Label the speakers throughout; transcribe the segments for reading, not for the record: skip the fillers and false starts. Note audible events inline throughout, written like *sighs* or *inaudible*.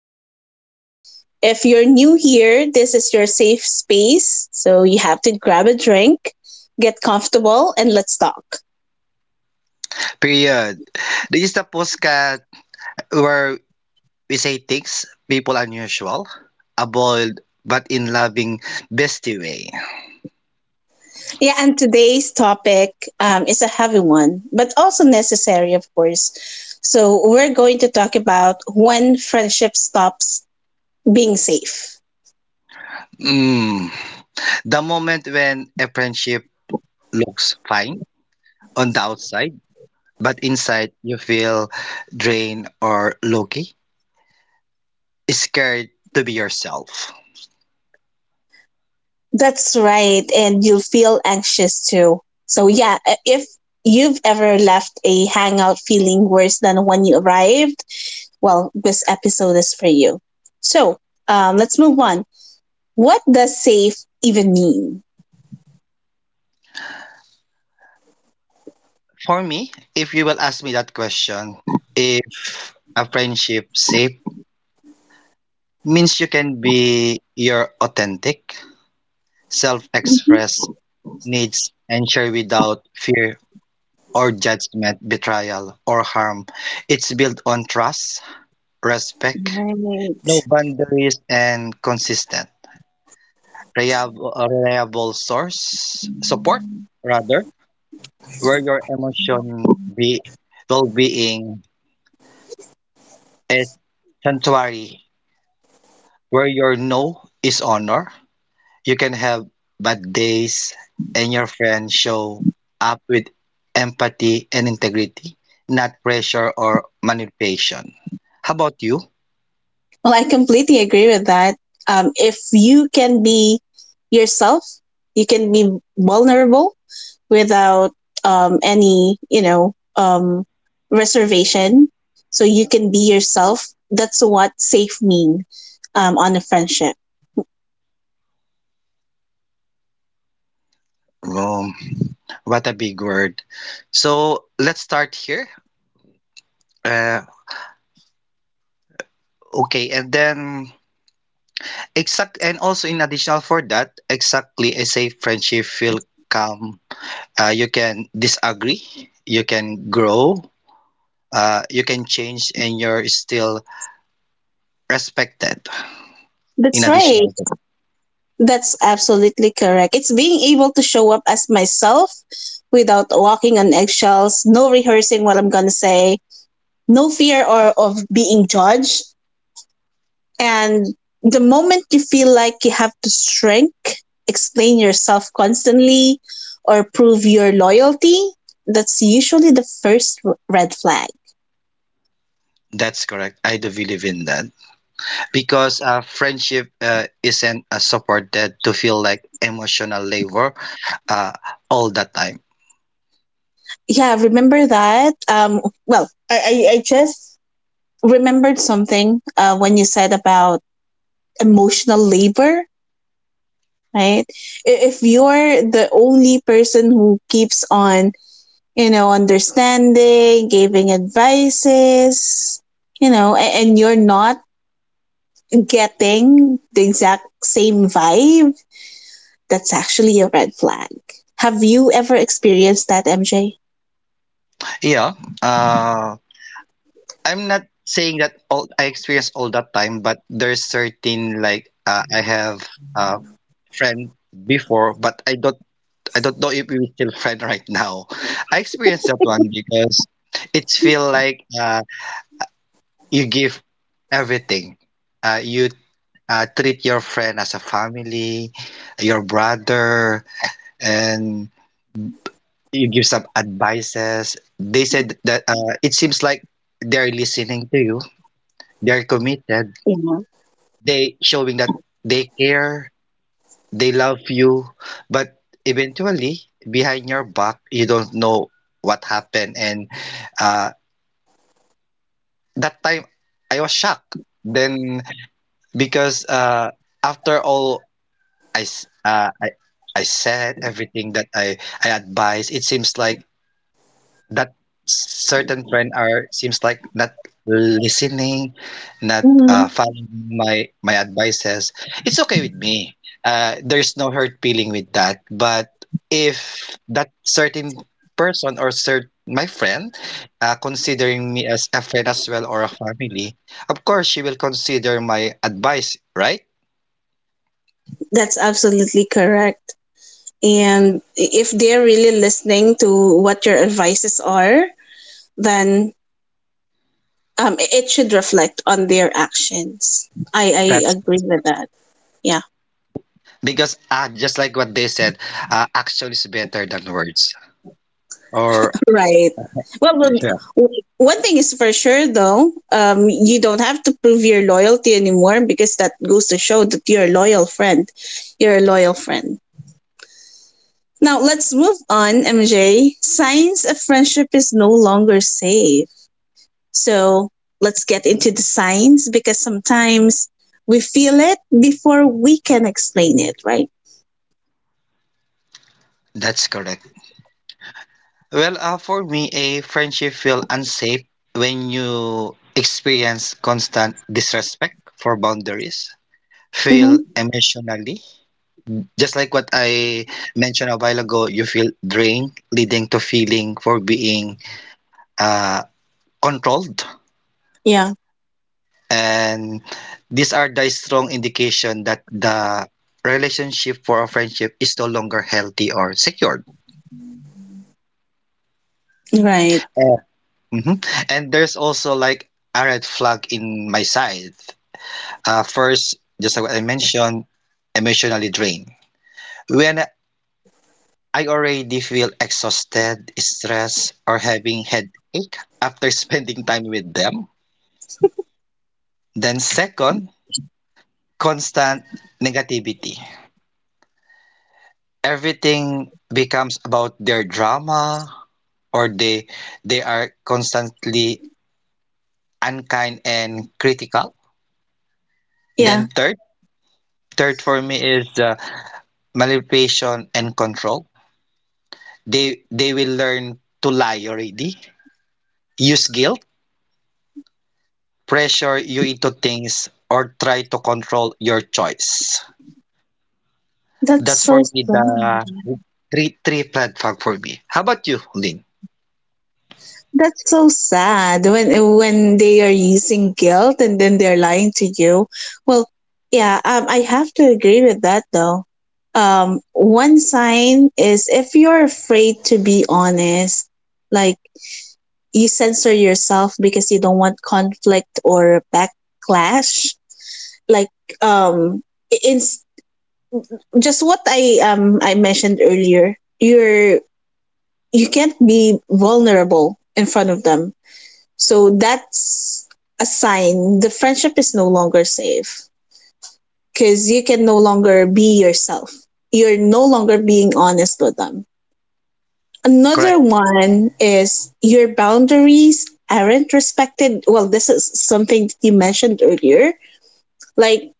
Speaker 1: Healing Corner. If you're new here, this is your safe space. So you have to grab a drink, get comfortable, and let's talk.
Speaker 2: Period. This is the postcard where we say things people unusual, a bold but in loving bestie way.
Speaker 1: Yeah, and today's topic is a heavy one, but also necessary, of course. So we're going to talk about when friendship stops being safe.
Speaker 2: Mm. The moment when a friendship looks fine on the outside, but inside you feel drained or low-key, scared to be yourself.
Speaker 1: That's right, and you'll feel anxious too. So, yeah, if you've ever left a hangout feeling worse than when you arrived, well, this episode is for you. So let's move on. What does safe even mean?
Speaker 2: For me, if you will ask me that question, if a friendship safe means you can be your authentic self-express needs and share without fear or judgment, betrayal, or harm. It's built on trust, respect, no
Speaker 1: Right.
Speaker 2: boundaries, and consistent, a reliable source, support, rather, where your emotion be, well-being is sanctuary, where your no is honor. You can have bad days, and your friends show up with empathy and integrity, not pressure or manipulation. How about you?
Speaker 1: Well, I completely agree with that. If you can be yourself, you can be vulnerable without any reservation. So you can be yourself. That's what safe mean on a friendship.
Speaker 2: Um, what a big word. So let's start here. Uh, okay, and then and also in additional for that, exactly a safe friendship feel calm. You can disagree, you can grow, you can change, and you're still respected. In
Speaker 1: That's
Speaker 2: addition,
Speaker 1: right. That's absolutely correct. It's being able to show up as myself without walking on eggshells, no rehearsing what I'm going to say, no fear or of being judged. And the moment you feel like you have to shrink, explain yourself constantly, or prove your loyalty, that's usually the first red flag.
Speaker 2: that's correct. I do believe in that because friendship isn't supported to feel like emotional labor uh, all the time.
Speaker 1: Yeah, remember that. Well, I just remembered something when you said about emotional labor, right? If you're the only person who keeps on, you know, understanding, giving advices, you know, and you're not getting the exact same vibe, that's actually a red flag. Have you ever experienced that, MJ?
Speaker 2: Yeah, uh, I'm not saying that all I experience all the time, but there's certain like I have a friend before, but I don't know if we're still friend *laughs* right now. I experienced that one because it's feel like you give everything, you treat your friend as a family, your brother, and you give some advices. They said that it seems like they're listening to you, they're committed,
Speaker 1: Yeah.
Speaker 2: they showing that they care, they love you, but eventually behind your back, you don't know what happened. And uh, that time, I was shocked. Then because after all I, s- uh, I, I said everything that I advise. It seems like that certain friend are seems like not listening, not
Speaker 1: Mhm.
Speaker 2: following my advices. It's okay with me. There's no hurt feeling with that. But if that certain person or cert my friend considering me as a friend as well or a family, of course she will consider my advice, right?
Speaker 1: That's absolutely correct. And if they're really listening to what your advices are, then, it should reflect on their actions. I
Speaker 2: That's.
Speaker 1: agree with that. Yeah,
Speaker 2: Because just like what they said, action is better than words. Or.
Speaker 1: *laughs* right. Well, well,
Speaker 2: Yeah.
Speaker 1: w- one thing is for sure though, you don't have to prove your loyalty anymore because that goes to show that you're a loyal friend. You're a loyal friend. Now let's move on, MJ. Signs of friendship is no longer safe. So let's get into the signs because sometimes we feel it before we can explain it, right?
Speaker 2: That's correct. Well, for me, a friendship feel unsafe when you experience constant disrespect for boundaries, feel
Speaker 1: Mm-hmm.
Speaker 2: emotionally. Just like what I mentioned a while ago, you feel drained, leading to feeling for being uh, controlled.
Speaker 1: Yeah,
Speaker 2: And these are the strong indication that the relationship for a friendship is no longer healthy or secured.
Speaker 1: right.
Speaker 2: Uh, mhm. And there's also like a red flag in my side. First, just like what I mentioned, emotionally drained. When I already feel exhausted, stressed, or having headache after *laughs* spending time with them. Then second, constant negativity. Everything becomes about their drama, or they are constantly unkind and critical. Then
Speaker 1: Yeah,
Speaker 2: third, for me is manipulation and control. They will learn to lie already, use guilt, pressure you into things, or try to control your choice.
Speaker 1: that's
Speaker 2: That's for
Speaker 1: so
Speaker 2: me
Speaker 1: sad.
Speaker 2: the three red flag for me. How about you, Lynn?
Speaker 1: That's so sad when they are using guilt and then they're lying to you. Well, yeah, I have to agree with that though. One sign is if you're afraid to be honest, like you censor yourself because you don't want conflict or backlash. Like um, it's just what I mentioned earlier. You're you can't be vulnerable in front of them. So that's a sign the friendship is no longer safe because you can no longer be yourself. You're no longer being honest with them. Another
Speaker 2: Correct.
Speaker 1: one is your boundaries aren't respected. Well, this is something that you mentioned earlier. Like,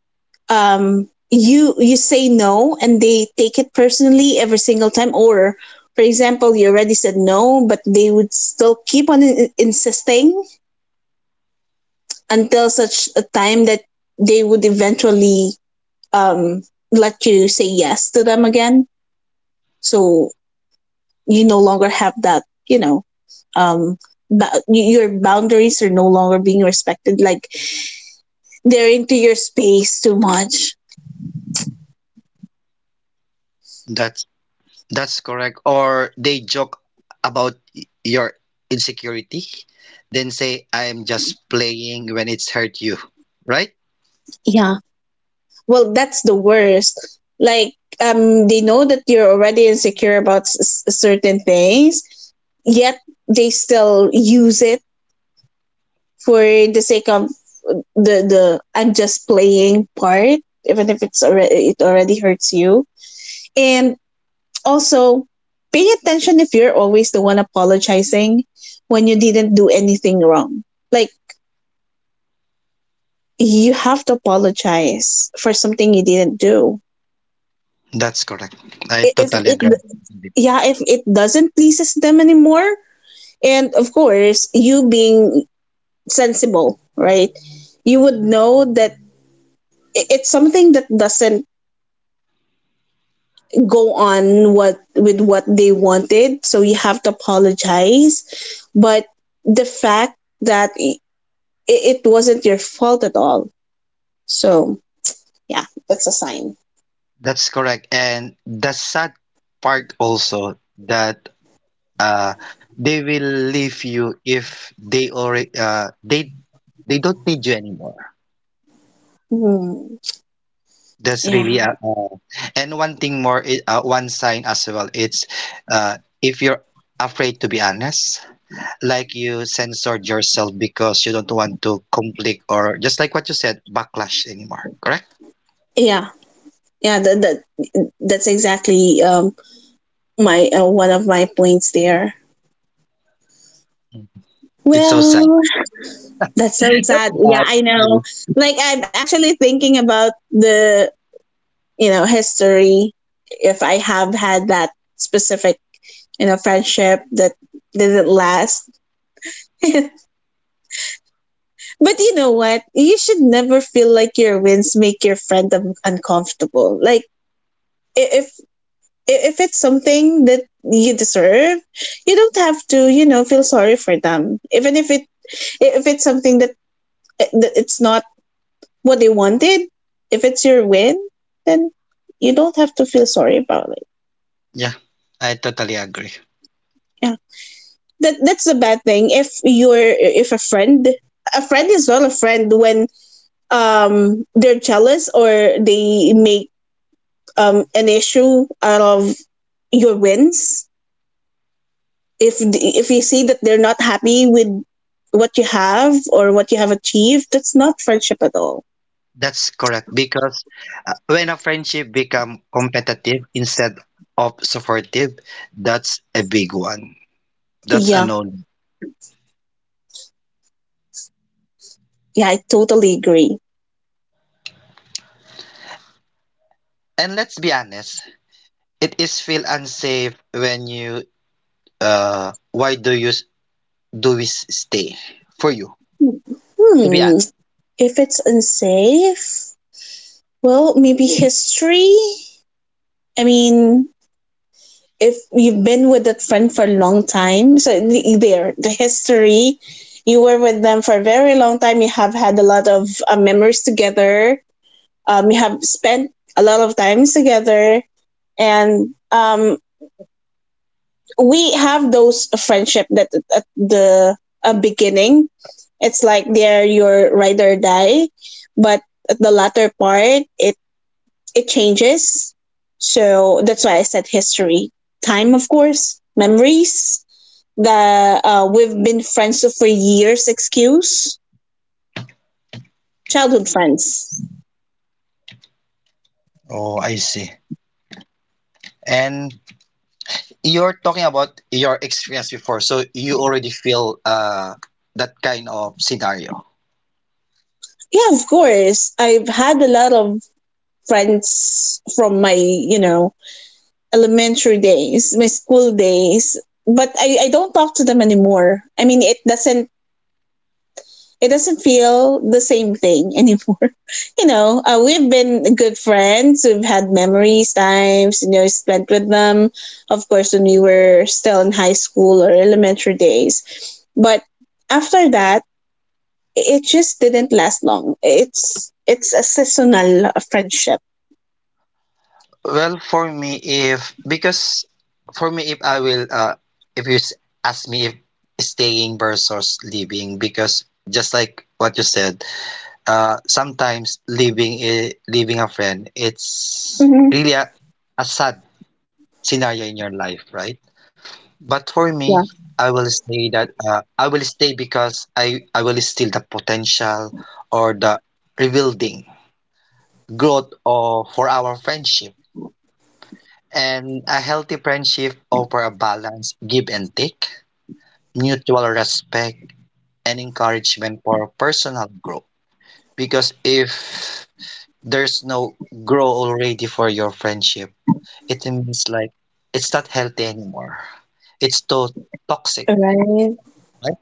Speaker 1: you you say no and they take it personally every single time, or for example you already said no but they would still keep on insisting until such a time that they would eventually um, let you say yes to them again. So you no longer have that, you know, um, your boundaries are no longer being respected. Like they're into your space too much.
Speaker 2: That's. That's correct. Or they joke about your insecurity, then say, I'm just playing when it's hurt you, right?
Speaker 1: Yeah. Well, that's the worst. Like, they know that you're already insecure about certain things, yet they still use it for the sake of the I'm just playing part, even if it already hurts you. And also pay attention if you're always the one apologizing when you didn't do anything wrong. Like you have to apologize for something you didn't do.
Speaker 2: That's correct. I
Speaker 1: I- If
Speaker 2: totally
Speaker 1: it
Speaker 2: agree.
Speaker 1: yeah, if it doesn't pleases them anymore, and of course you being sensible, right? You would know that it's something that doesn't go on what with what they wanted, so you have to apologize. But the fact that it wasn't your fault at all, so yeah, that's a sign.
Speaker 2: That's correct. And the sad part also that uh, they will leave you if they already they don't need you anymore.
Speaker 1: Hmm.
Speaker 2: That's
Speaker 1: yeah
Speaker 2: really a. And one thing more, one sign as well. It's uh, if you're afraid to be honest, like you censored yourself because you don't want to conflict or just like what you said, backlash anymore. Correct?
Speaker 1: yeah yeah, that's exactly my, one of my points there.
Speaker 2: Mm. It's so sad.
Speaker 1: Well, that's so sad, yeah,
Speaker 2: Yeah,
Speaker 1: I know.
Speaker 2: you-
Speaker 1: Like I'm actually thinking about the, you know, history, if I have had that specific in a friendship that didn't last. *laughs* But you know what? You should never feel like your wins make your friend uncomfortable. Like if if it's something that you deserve, you don't have to, you know, feel sorry for them. Even if it if it's something that, that it's not what they wanted, if it's your win, then you don't have to feel sorry about it.
Speaker 2: Yeah, I totally agree.
Speaker 1: Yeah. That's the bad thing. If you're if a friend a friend is not a friend when they're jealous or they make an issue out of your wins. If if you see that they're not happy with what you have or what you have achieved, that's not friendship at all.
Speaker 2: That's correct because when a friendship become competitive instead of supportive, that's a big one. That's a
Speaker 1: Yeah,
Speaker 2: known.
Speaker 1: yeah, I totally agree.
Speaker 2: And let's be honest, it is feel unsafe when you why do you s- do we stay for you? To be
Speaker 1: Hmm.
Speaker 2: honest.
Speaker 1: If it's unsafe, well, maybe history. I mean, if you've been with that friend for a long time, so the history, you were with them for a very long time, you have had a lot of memories together, you have spent a lot of times together, and we have those friendship that at the beginning it's like they're your ride or die, but at the latter part it it changes. So that's why I said history, time, of course, memories, the, we've been friends for years, excuse, childhood friends.
Speaker 2: Oh, I see. And you're talking about your experience before, so you already feel that kind of scenario.
Speaker 1: Yeah, of course I've had a lot of friends from my, you know, elementary days, my school days, but I don't talk to them anymore. I mean it doesn't, it doesn't feel the same thing anymore. *laughs* You know, we've been good friends, we've had memories, times, you know, spent with them, of course when we were still in high school or elementary days. But after that, it just didn't last long. It's a seasonal friendship.
Speaker 2: Well, for me, if because for me, if I will, if you s- ask me if staying versus living, because just like what you said, sometimes leaving a friend, it's
Speaker 1: Mm-hmm.
Speaker 2: really a sad scenario in your life, right? But for me,
Speaker 1: Yeah.
Speaker 2: I will say that I will stay because I will still the potential or the rebuilding growth of for our friendship. And a healthy friendship offer a balance, give and take, mutual respect, and encouragement for personal growth. Because if there's no grow already for your friendship, it means like it's not healthy anymore. It's too toxic,
Speaker 1: Right.
Speaker 2: right?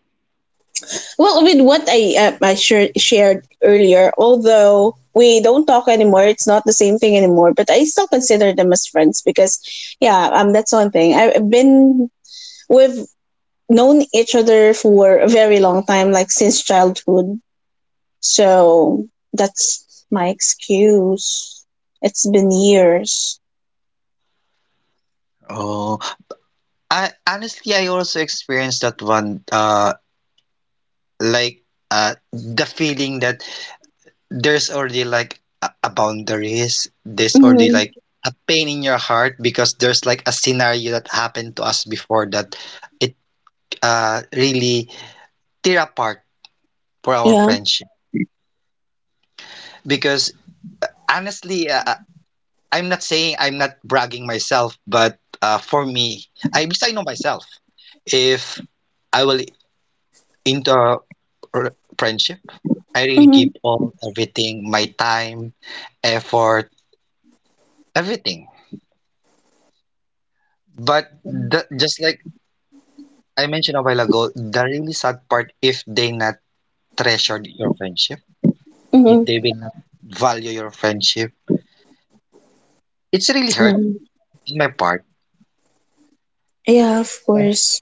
Speaker 1: Well, with what I, shared earlier, although we don't talk anymore, it's not the same thing anymore. But I still consider them as friends because, yeah, that's one thing. I've been we've known each other for a very long time, like since childhood. So that's my excuse. It's been years.
Speaker 2: Oh, I also experienced that one like the feeling that there's already like a boundaries, there's already
Speaker 1: Mhm.
Speaker 2: like a pain in your heart because there's like a scenario that happened to us before that it really tear apart for our
Speaker 1: Yeah.
Speaker 2: friendship. Because honestly, I'm not saying I'm not bragging myself, but for me, I know myself. If I will in the friendship, I really
Speaker 1: Mhm.
Speaker 2: give all everything, my time, effort, everything. But just like I mentioned a while ago, the really sad part if they not treasured your friendship, if
Speaker 1: Mhm.
Speaker 2: they will not value your friendship, it's really hurt
Speaker 1: Yeah.
Speaker 2: in my part.
Speaker 1: Yeah, of
Speaker 2: And,
Speaker 1: course.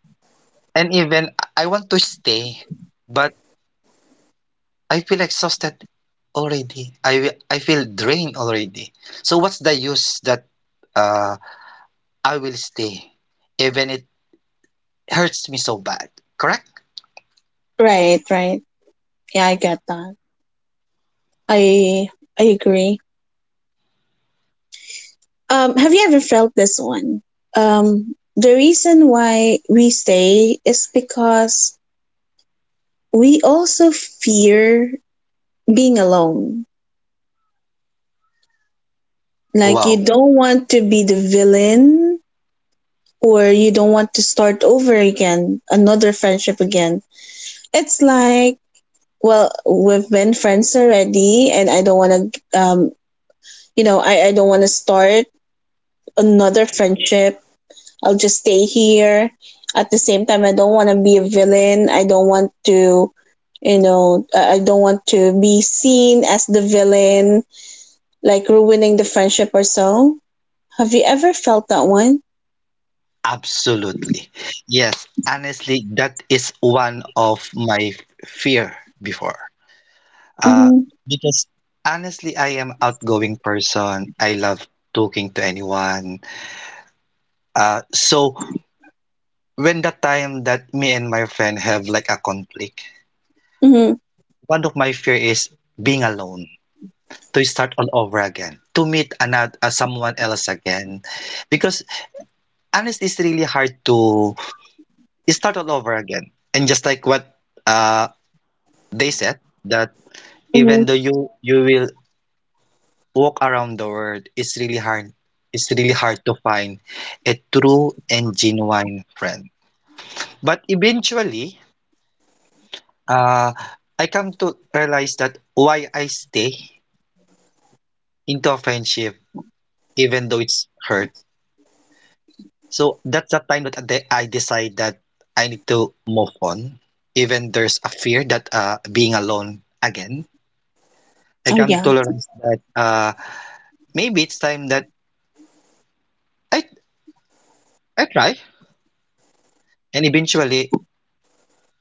Speaker 2: and even I want to stay, but I feel exhausted already. I feel drained already. So what's the use that uh I will stay, even it hurts me so bad, correct?
Speaker 1: Right, right. Yeah, I get that. I I agree. Have you ever felt this one? The reason why we stay is because we also fear being alone. Like you
Speaker 2: Wow,
Speaker 1: don't want to be the villain, or you don't want to start over again, another friendship again. It's like, well, we've been friends already, and I don't want to, you know, I don't want to start another friendship. I'll just stay here. At the same time, I don't want to be a villain. I don't want to, you know, I don't want to be seen as the villain, like ruining the friendship or so. Have you ever felt that one?
Speaker 2: absolutely. Yes, honestly, that is one of my fear before. Uh,
Speaker 1: Mm-hmm.
Speaker 2: because honestly, I am outgoing person. I love talking to anyone. So when the time that me and my friend have like a conflict,
Speaker 1: Mm-hmm.
Speaker 2: one of my fear is being alone, to start all over again, to meet another someone else again, because honestly, it's really hard to you start all over again. And just like what uh, they said, that
Speaker 1: Mm-hmm.
Speaker 2: even though you will walk around the world, it's really hard. It's really hard to find a true and genuine friend. But eventually, uh, I come to realize that why I stay into a friendship, even though it's hurt. So that's the time that I decide that I need to move on. Even there's a fear that being alone again I
Speaker 1: Oh,
Speaker 2: can
Speaker 1: yeah.
Speaker 2: to that maybe it's time that I I try, and eventually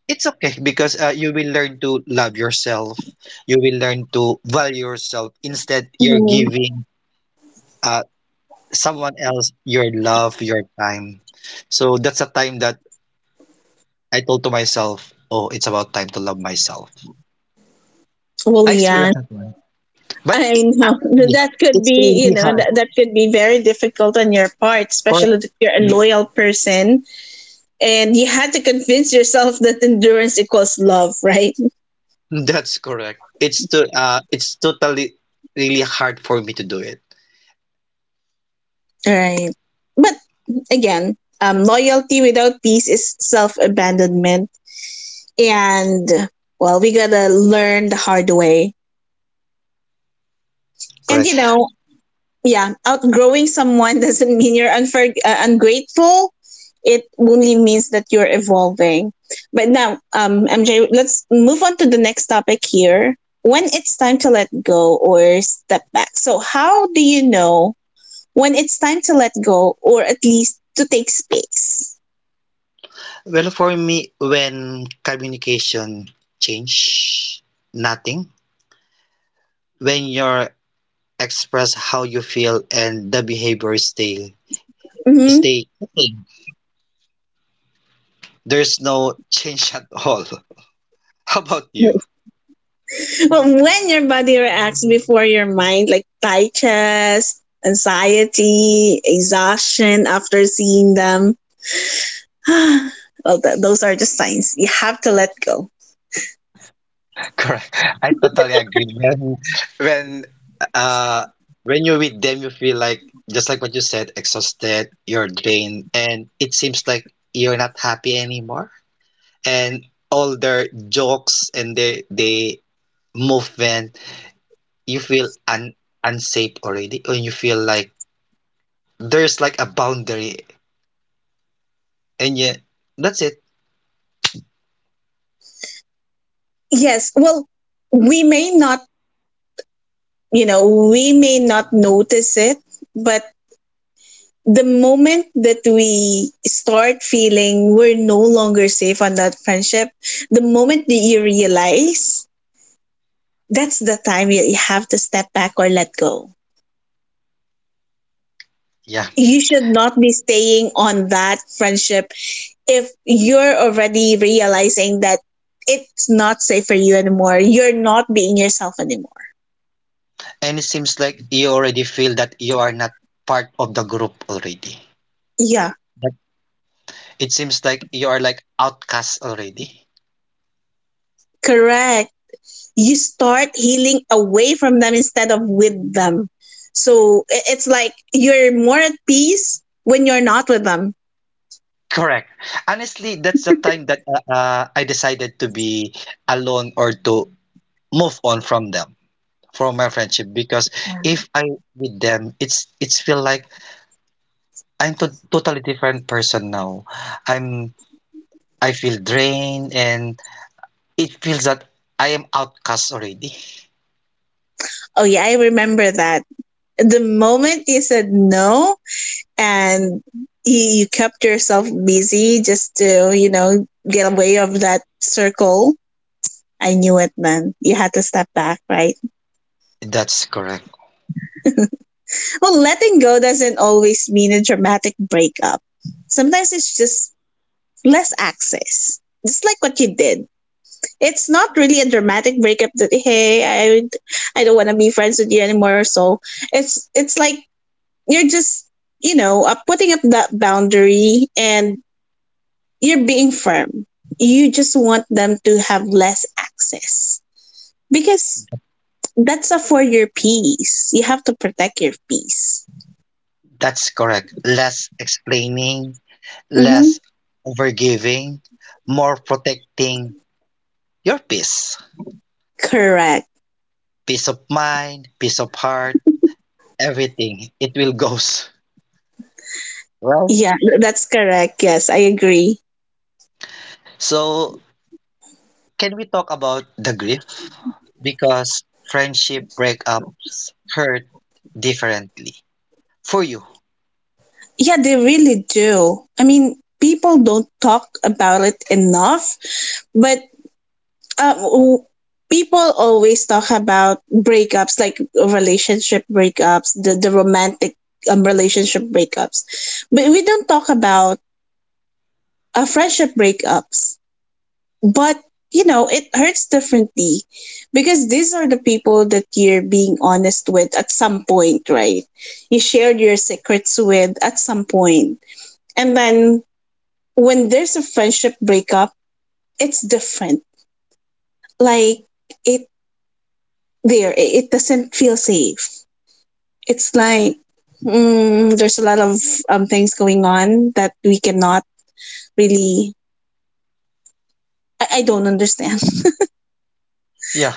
Speaker 2: it's okay because you will learn to love yourself. You will learn to value yourself. Instead, you're
Speaker 1: Mm-hmm.
Speaker 2: giving uh, someone else your love, your time. So that's a time that I told to myself, "Oh, it's about time to love myself."
Speaker 1: Well,
Speaker 2: I
Speaker 1: yeah.
Speaker 2: experienced that one, but
Speaker 1: I know
Speaker 2: honestly,
Speaker 1: *laughs* that could
Speaker 2: it's
Speaker 1: be, you
Speaker 2: really
Speaker 1: know,
Speaker 2: hard.
Speaker 1: that could be very difficult on your part, especially
Speaker 2: Correct.
Speaker 1: if you're a loyal person and you had to convince yourself *laughs* that endurance equals love, right?
Speaker 2: That's correct. It's totally really hard for me to do it.
Speaker 1: Right. But again, loyalty without peace is self abandonment. And, well, we gotta learn the hard way. And, you
Speaker 2: Correct.
Speaker 1: know, yeah, outgrowing someone *laughs* doesn't mean you're ungrateful. It only means that you're evolving. But now, MJ, let's move on to the next topic here. When it's time to let go or step back. So, how do you know when it's time to let go or at least to take space?
Speaker 2: Well, for me, when communication change, nothing. When you express how you feel and the behavior stay
Speaker 1: Mm-hmm.
Speaker 2: stay the same, there's no change at all. *laughs* How about you?
Speaker 1: Well, when your body reacts before your mind, like tight chest, anxiety, exhaustion after seeing them, *sighs* well, those are just signs. You have to let go.
Speaker 2: *laughs* Correct. I totally agree. When uh when you're with them, you feel like just like what you said, exhausted, you're drained, and it seems like you're not happy anymore. And all their jokes and they movement, you feel un unsafe already, or you feel like there's like a boundary, and yeah, that's it.
Speaker 1: Yes. Well, we may not, you know, we may not notice it, but the moment that we start feeling we're no longer safe on that friendship, the moment that you realize, that's the time you have to step back or let go.
Speaker 2: Yeah,
Speaker 1: You should not be staying on that friendship if you're already realizing that it's not safe for you anymore. You're not being yourself anymore.
Speaker 2: and it seems like you already feel that you are not part of the group already.
Speaker 1: Yeah,
Speaker 2: That it seems like you are like outcast already.
Speaker 1: correct. You start healing away from them instead of with them. So it's like you're more at peace when you're not with them.
Speaker 2: Correct. Honestly, that's the time that I decided to be alone or to move on from them, from my friendship, because if I with them, it's feel like I'm totally different person now. I'm I feel drained and it feels that I am outcast already.
Speaker 1: Oh, yeah, I remember that. The moment you said no and you, you kept yourself busy just to, you know, get away of that circle. I knew it then. You had to step back, right?
Speaker 2: That's correct.
Speaker 1: Well, letting go doesn't always mean a dramatic breakup. Sometimes it's just less access. Just like what you did. It's not really a dramatic breakup that hey, I don't want to be friends with you anymore. So it's like you're just, you know, putting up that boundary and you're being firm. You just want them to have less access because that's a for your peace. You have to protect your peace.
Speaker 2: That's correct. Less explaining,
Speaker 1: hmm
Speaker 2: less overgiving, more protecting your peace.
Speaker 1: Correct.
Speaker 2: Peace of mind, peace of heart, everything. It will *laughs* goes. Well,
Speaker 1: Yeah, that's correct. Yes, I agree.
Speaker 2: so can we talk about the grief? Because friendship breakups hurt differently. For you,
Speaker 1: Yeah, they really do. I mean, people don't talk about it enough, but um, w- people always talk about breakups, like relationship breakups, the romantic relationship breakups. But we don't talk about friendship breakups. But, you know, it hurts differently because these are the people that you're being honest with at some point, right? You shared your secrets with at some point, and then when there's a friendship breakup, it's different. Like it it doesn't feel safe. It's like there's a lot of things going on that we cannot really. I don't understand.
Speaker 2: yeah,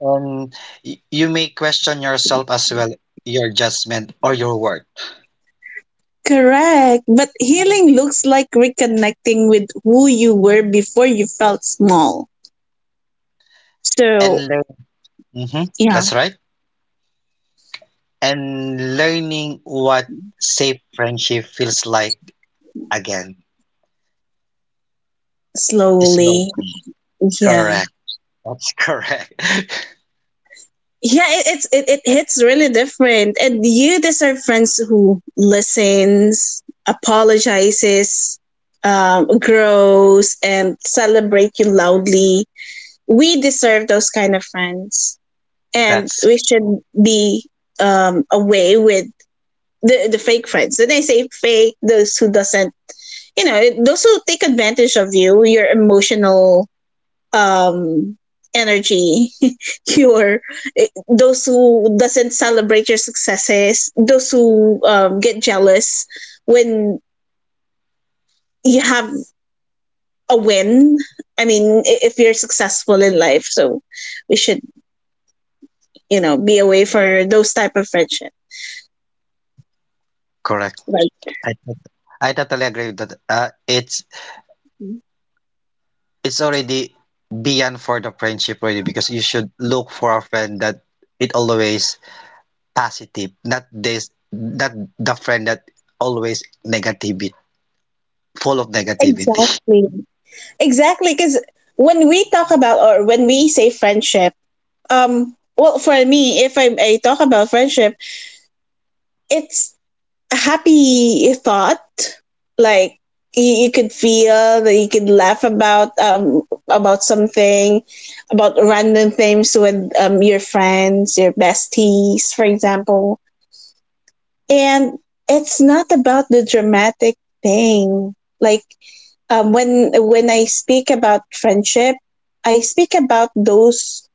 Speaker 2: and you may question yourself as well, your judgment or your worth,
Speaker 1: *laughs* Correct, but healing looks like reconnecting with who you were before you felt small. So
Speaker 2: and learn.
Speaker 1: yeah,
Speaker 2: That's right. And learning what safe friendship feels like again
Speaker 1: slowly,
Speaker 2: slowly.
Speaker 1: yeah.
Speaker 2: Correct. That's correct. *laughs*
Speaker 1: Yeah, it hits really different, and you deserve friends who listens, apologizes, grows and celebrate you loudly. We deserve those kind of friends, and
Speaker 2: That's
Speaker 1: we should be away with the fake friends. And I say fake, those who doesn't, you know, those who take advantage of you, your emotional um energy, *laughs* your those who doesn't celebrate your successes, those who get jealous when you have a win. I mean, if you're successful in life, so we should, you know, be away for those type of friendship,
Speaker 2: correct.
Speaker 1: right?
Speaker 2: I tot- I totally agree with that. It's already beyond for the friendship already because you should look for a friend that it always positive, not this, not the friend that always negativity, full of negativity. *laughs*
Speaker 1: Exactly. Exactly, because when we talk about or when we say friendship, well, for me, if I, I talk about friendship, it's happy thought. Like you could feel that you could laugh about something, about random things with your friends, your besties for example. And it's not about the dramatic thing. Like when I speak about friendship, I speak about those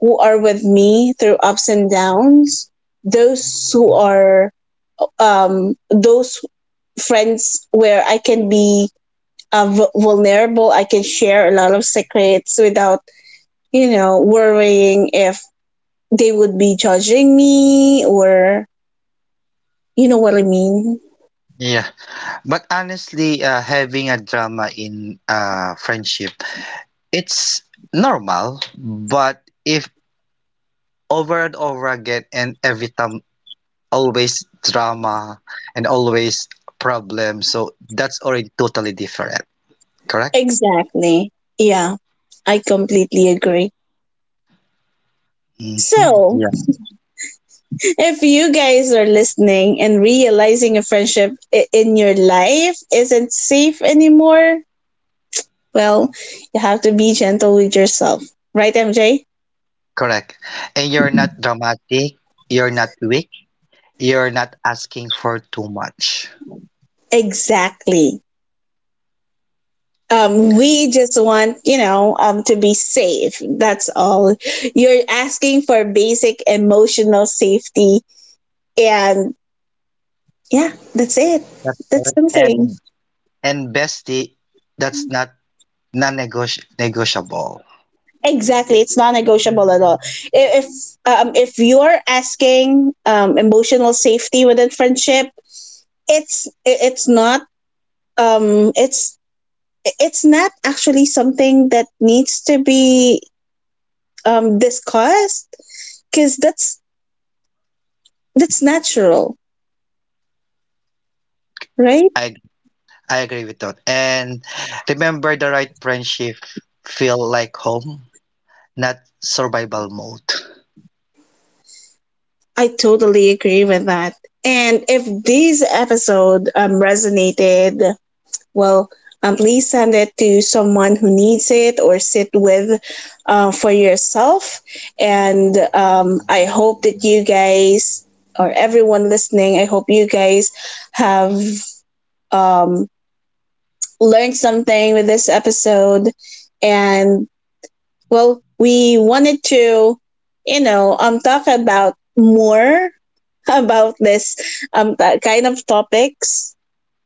Speaker 1: who are with me through ups and downs, those who are those friends where I can be vulnerable. I can share a lot of secrets without, you know, worrying if they would be judging me, or you know what I mean?
Speaker 2: Yeah, but honestly, having a drama in friendship, it's normal. But if over and over again, and every time, always drama and always problem, so that's already totally different. Correct?
Speaker 1: Exactly. Yeah, I completely agree.
Speaker 2: Hmm.
Speaker 1: So,
Speaker 2: Yeah,
Speaker 1: if you guys are listening and realizing a friendship in your life isn't safe anymore, well, you have to be gentle with yourself. Right, MJ?
Speaker 2: correct. And you're not dramatic. You're not weak. You're not asking for too much.
Speaker 1: Exactly. We just want, you know, to be safe. That's all. You're asking for basic emotional safety. And yeah, that's it.
Speaker 2: That's
Speaker 1: That's
Speaker 2: correct.
Speaker 1: something.
Speaker 2: And bestie, that's not non-negotiable. Negotiable.
Speaker 1: Exactly. It's non negotiable at all. I- If, if you're asking, emotional safety within friendship, it's not, um, it's, it's not actually something that needs to be, discussed, because that's natural, right?
Speaker 2: I I agree with that. And remember, the right friendship feel like home, not survival mode.
Speaker 1: I totally agree with that. And if this episode resonated, well, please send it to someone who needs it, or sit with for yourself. And I hope that you guys, or everyone listening, I hope you guys have um, learned something with this episode. And well, we wanted to, you know, talk about more *laughs* about this kind of topics.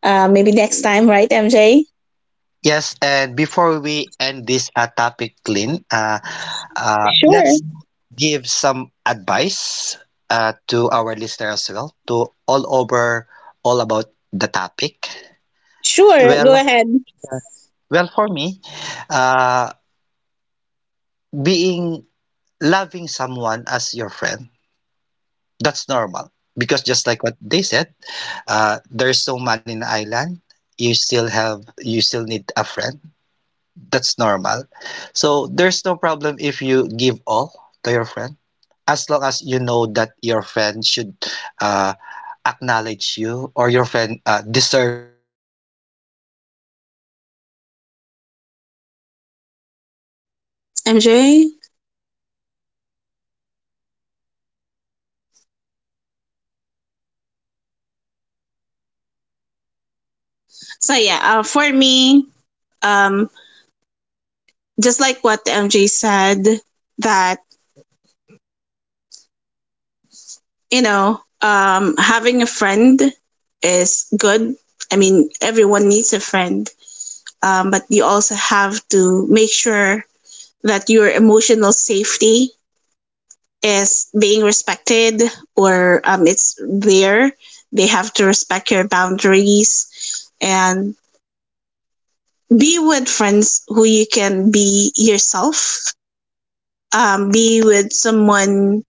Speaker 1: Maybe next time, right, MJ?
Speaker 2: Yes, and before we end this topic, Lynn,
Speaker 1: Sure.
Speaker 2: let's give some advice to our listener as well, to all over, all about the topic.
Speaker 1: Sure. Go
Speaker 2: Well,
Speaker 1: ahead,
Speaker 2: Well, for me, uh, being loving someone as your friend, that's normal. Because just like what they said, there's so many in the island, you still have, you still need a friend. That's
Speaker 1: MJ. So yeah, for me, um, just like what MJ said, that you know, having a friend is good. I mean, everyone needs a friend, but you also have to make sure that your emotional safety is being respected, or it's there. They have to respect your boundaries, and be with friends who you can be yourself. Be with someone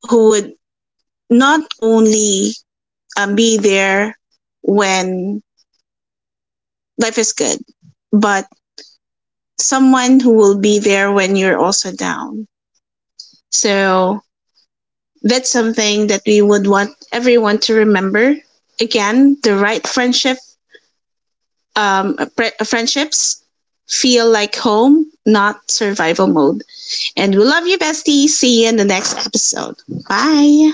Speaker 1: who would not only be there when life is good, but someone who will be there when you're also down. So that's something that we would want everyone to remember. Again, the right friendship, friendships feel like home, not survival mode. And we love you, bestie. See you in the next episode. Bye.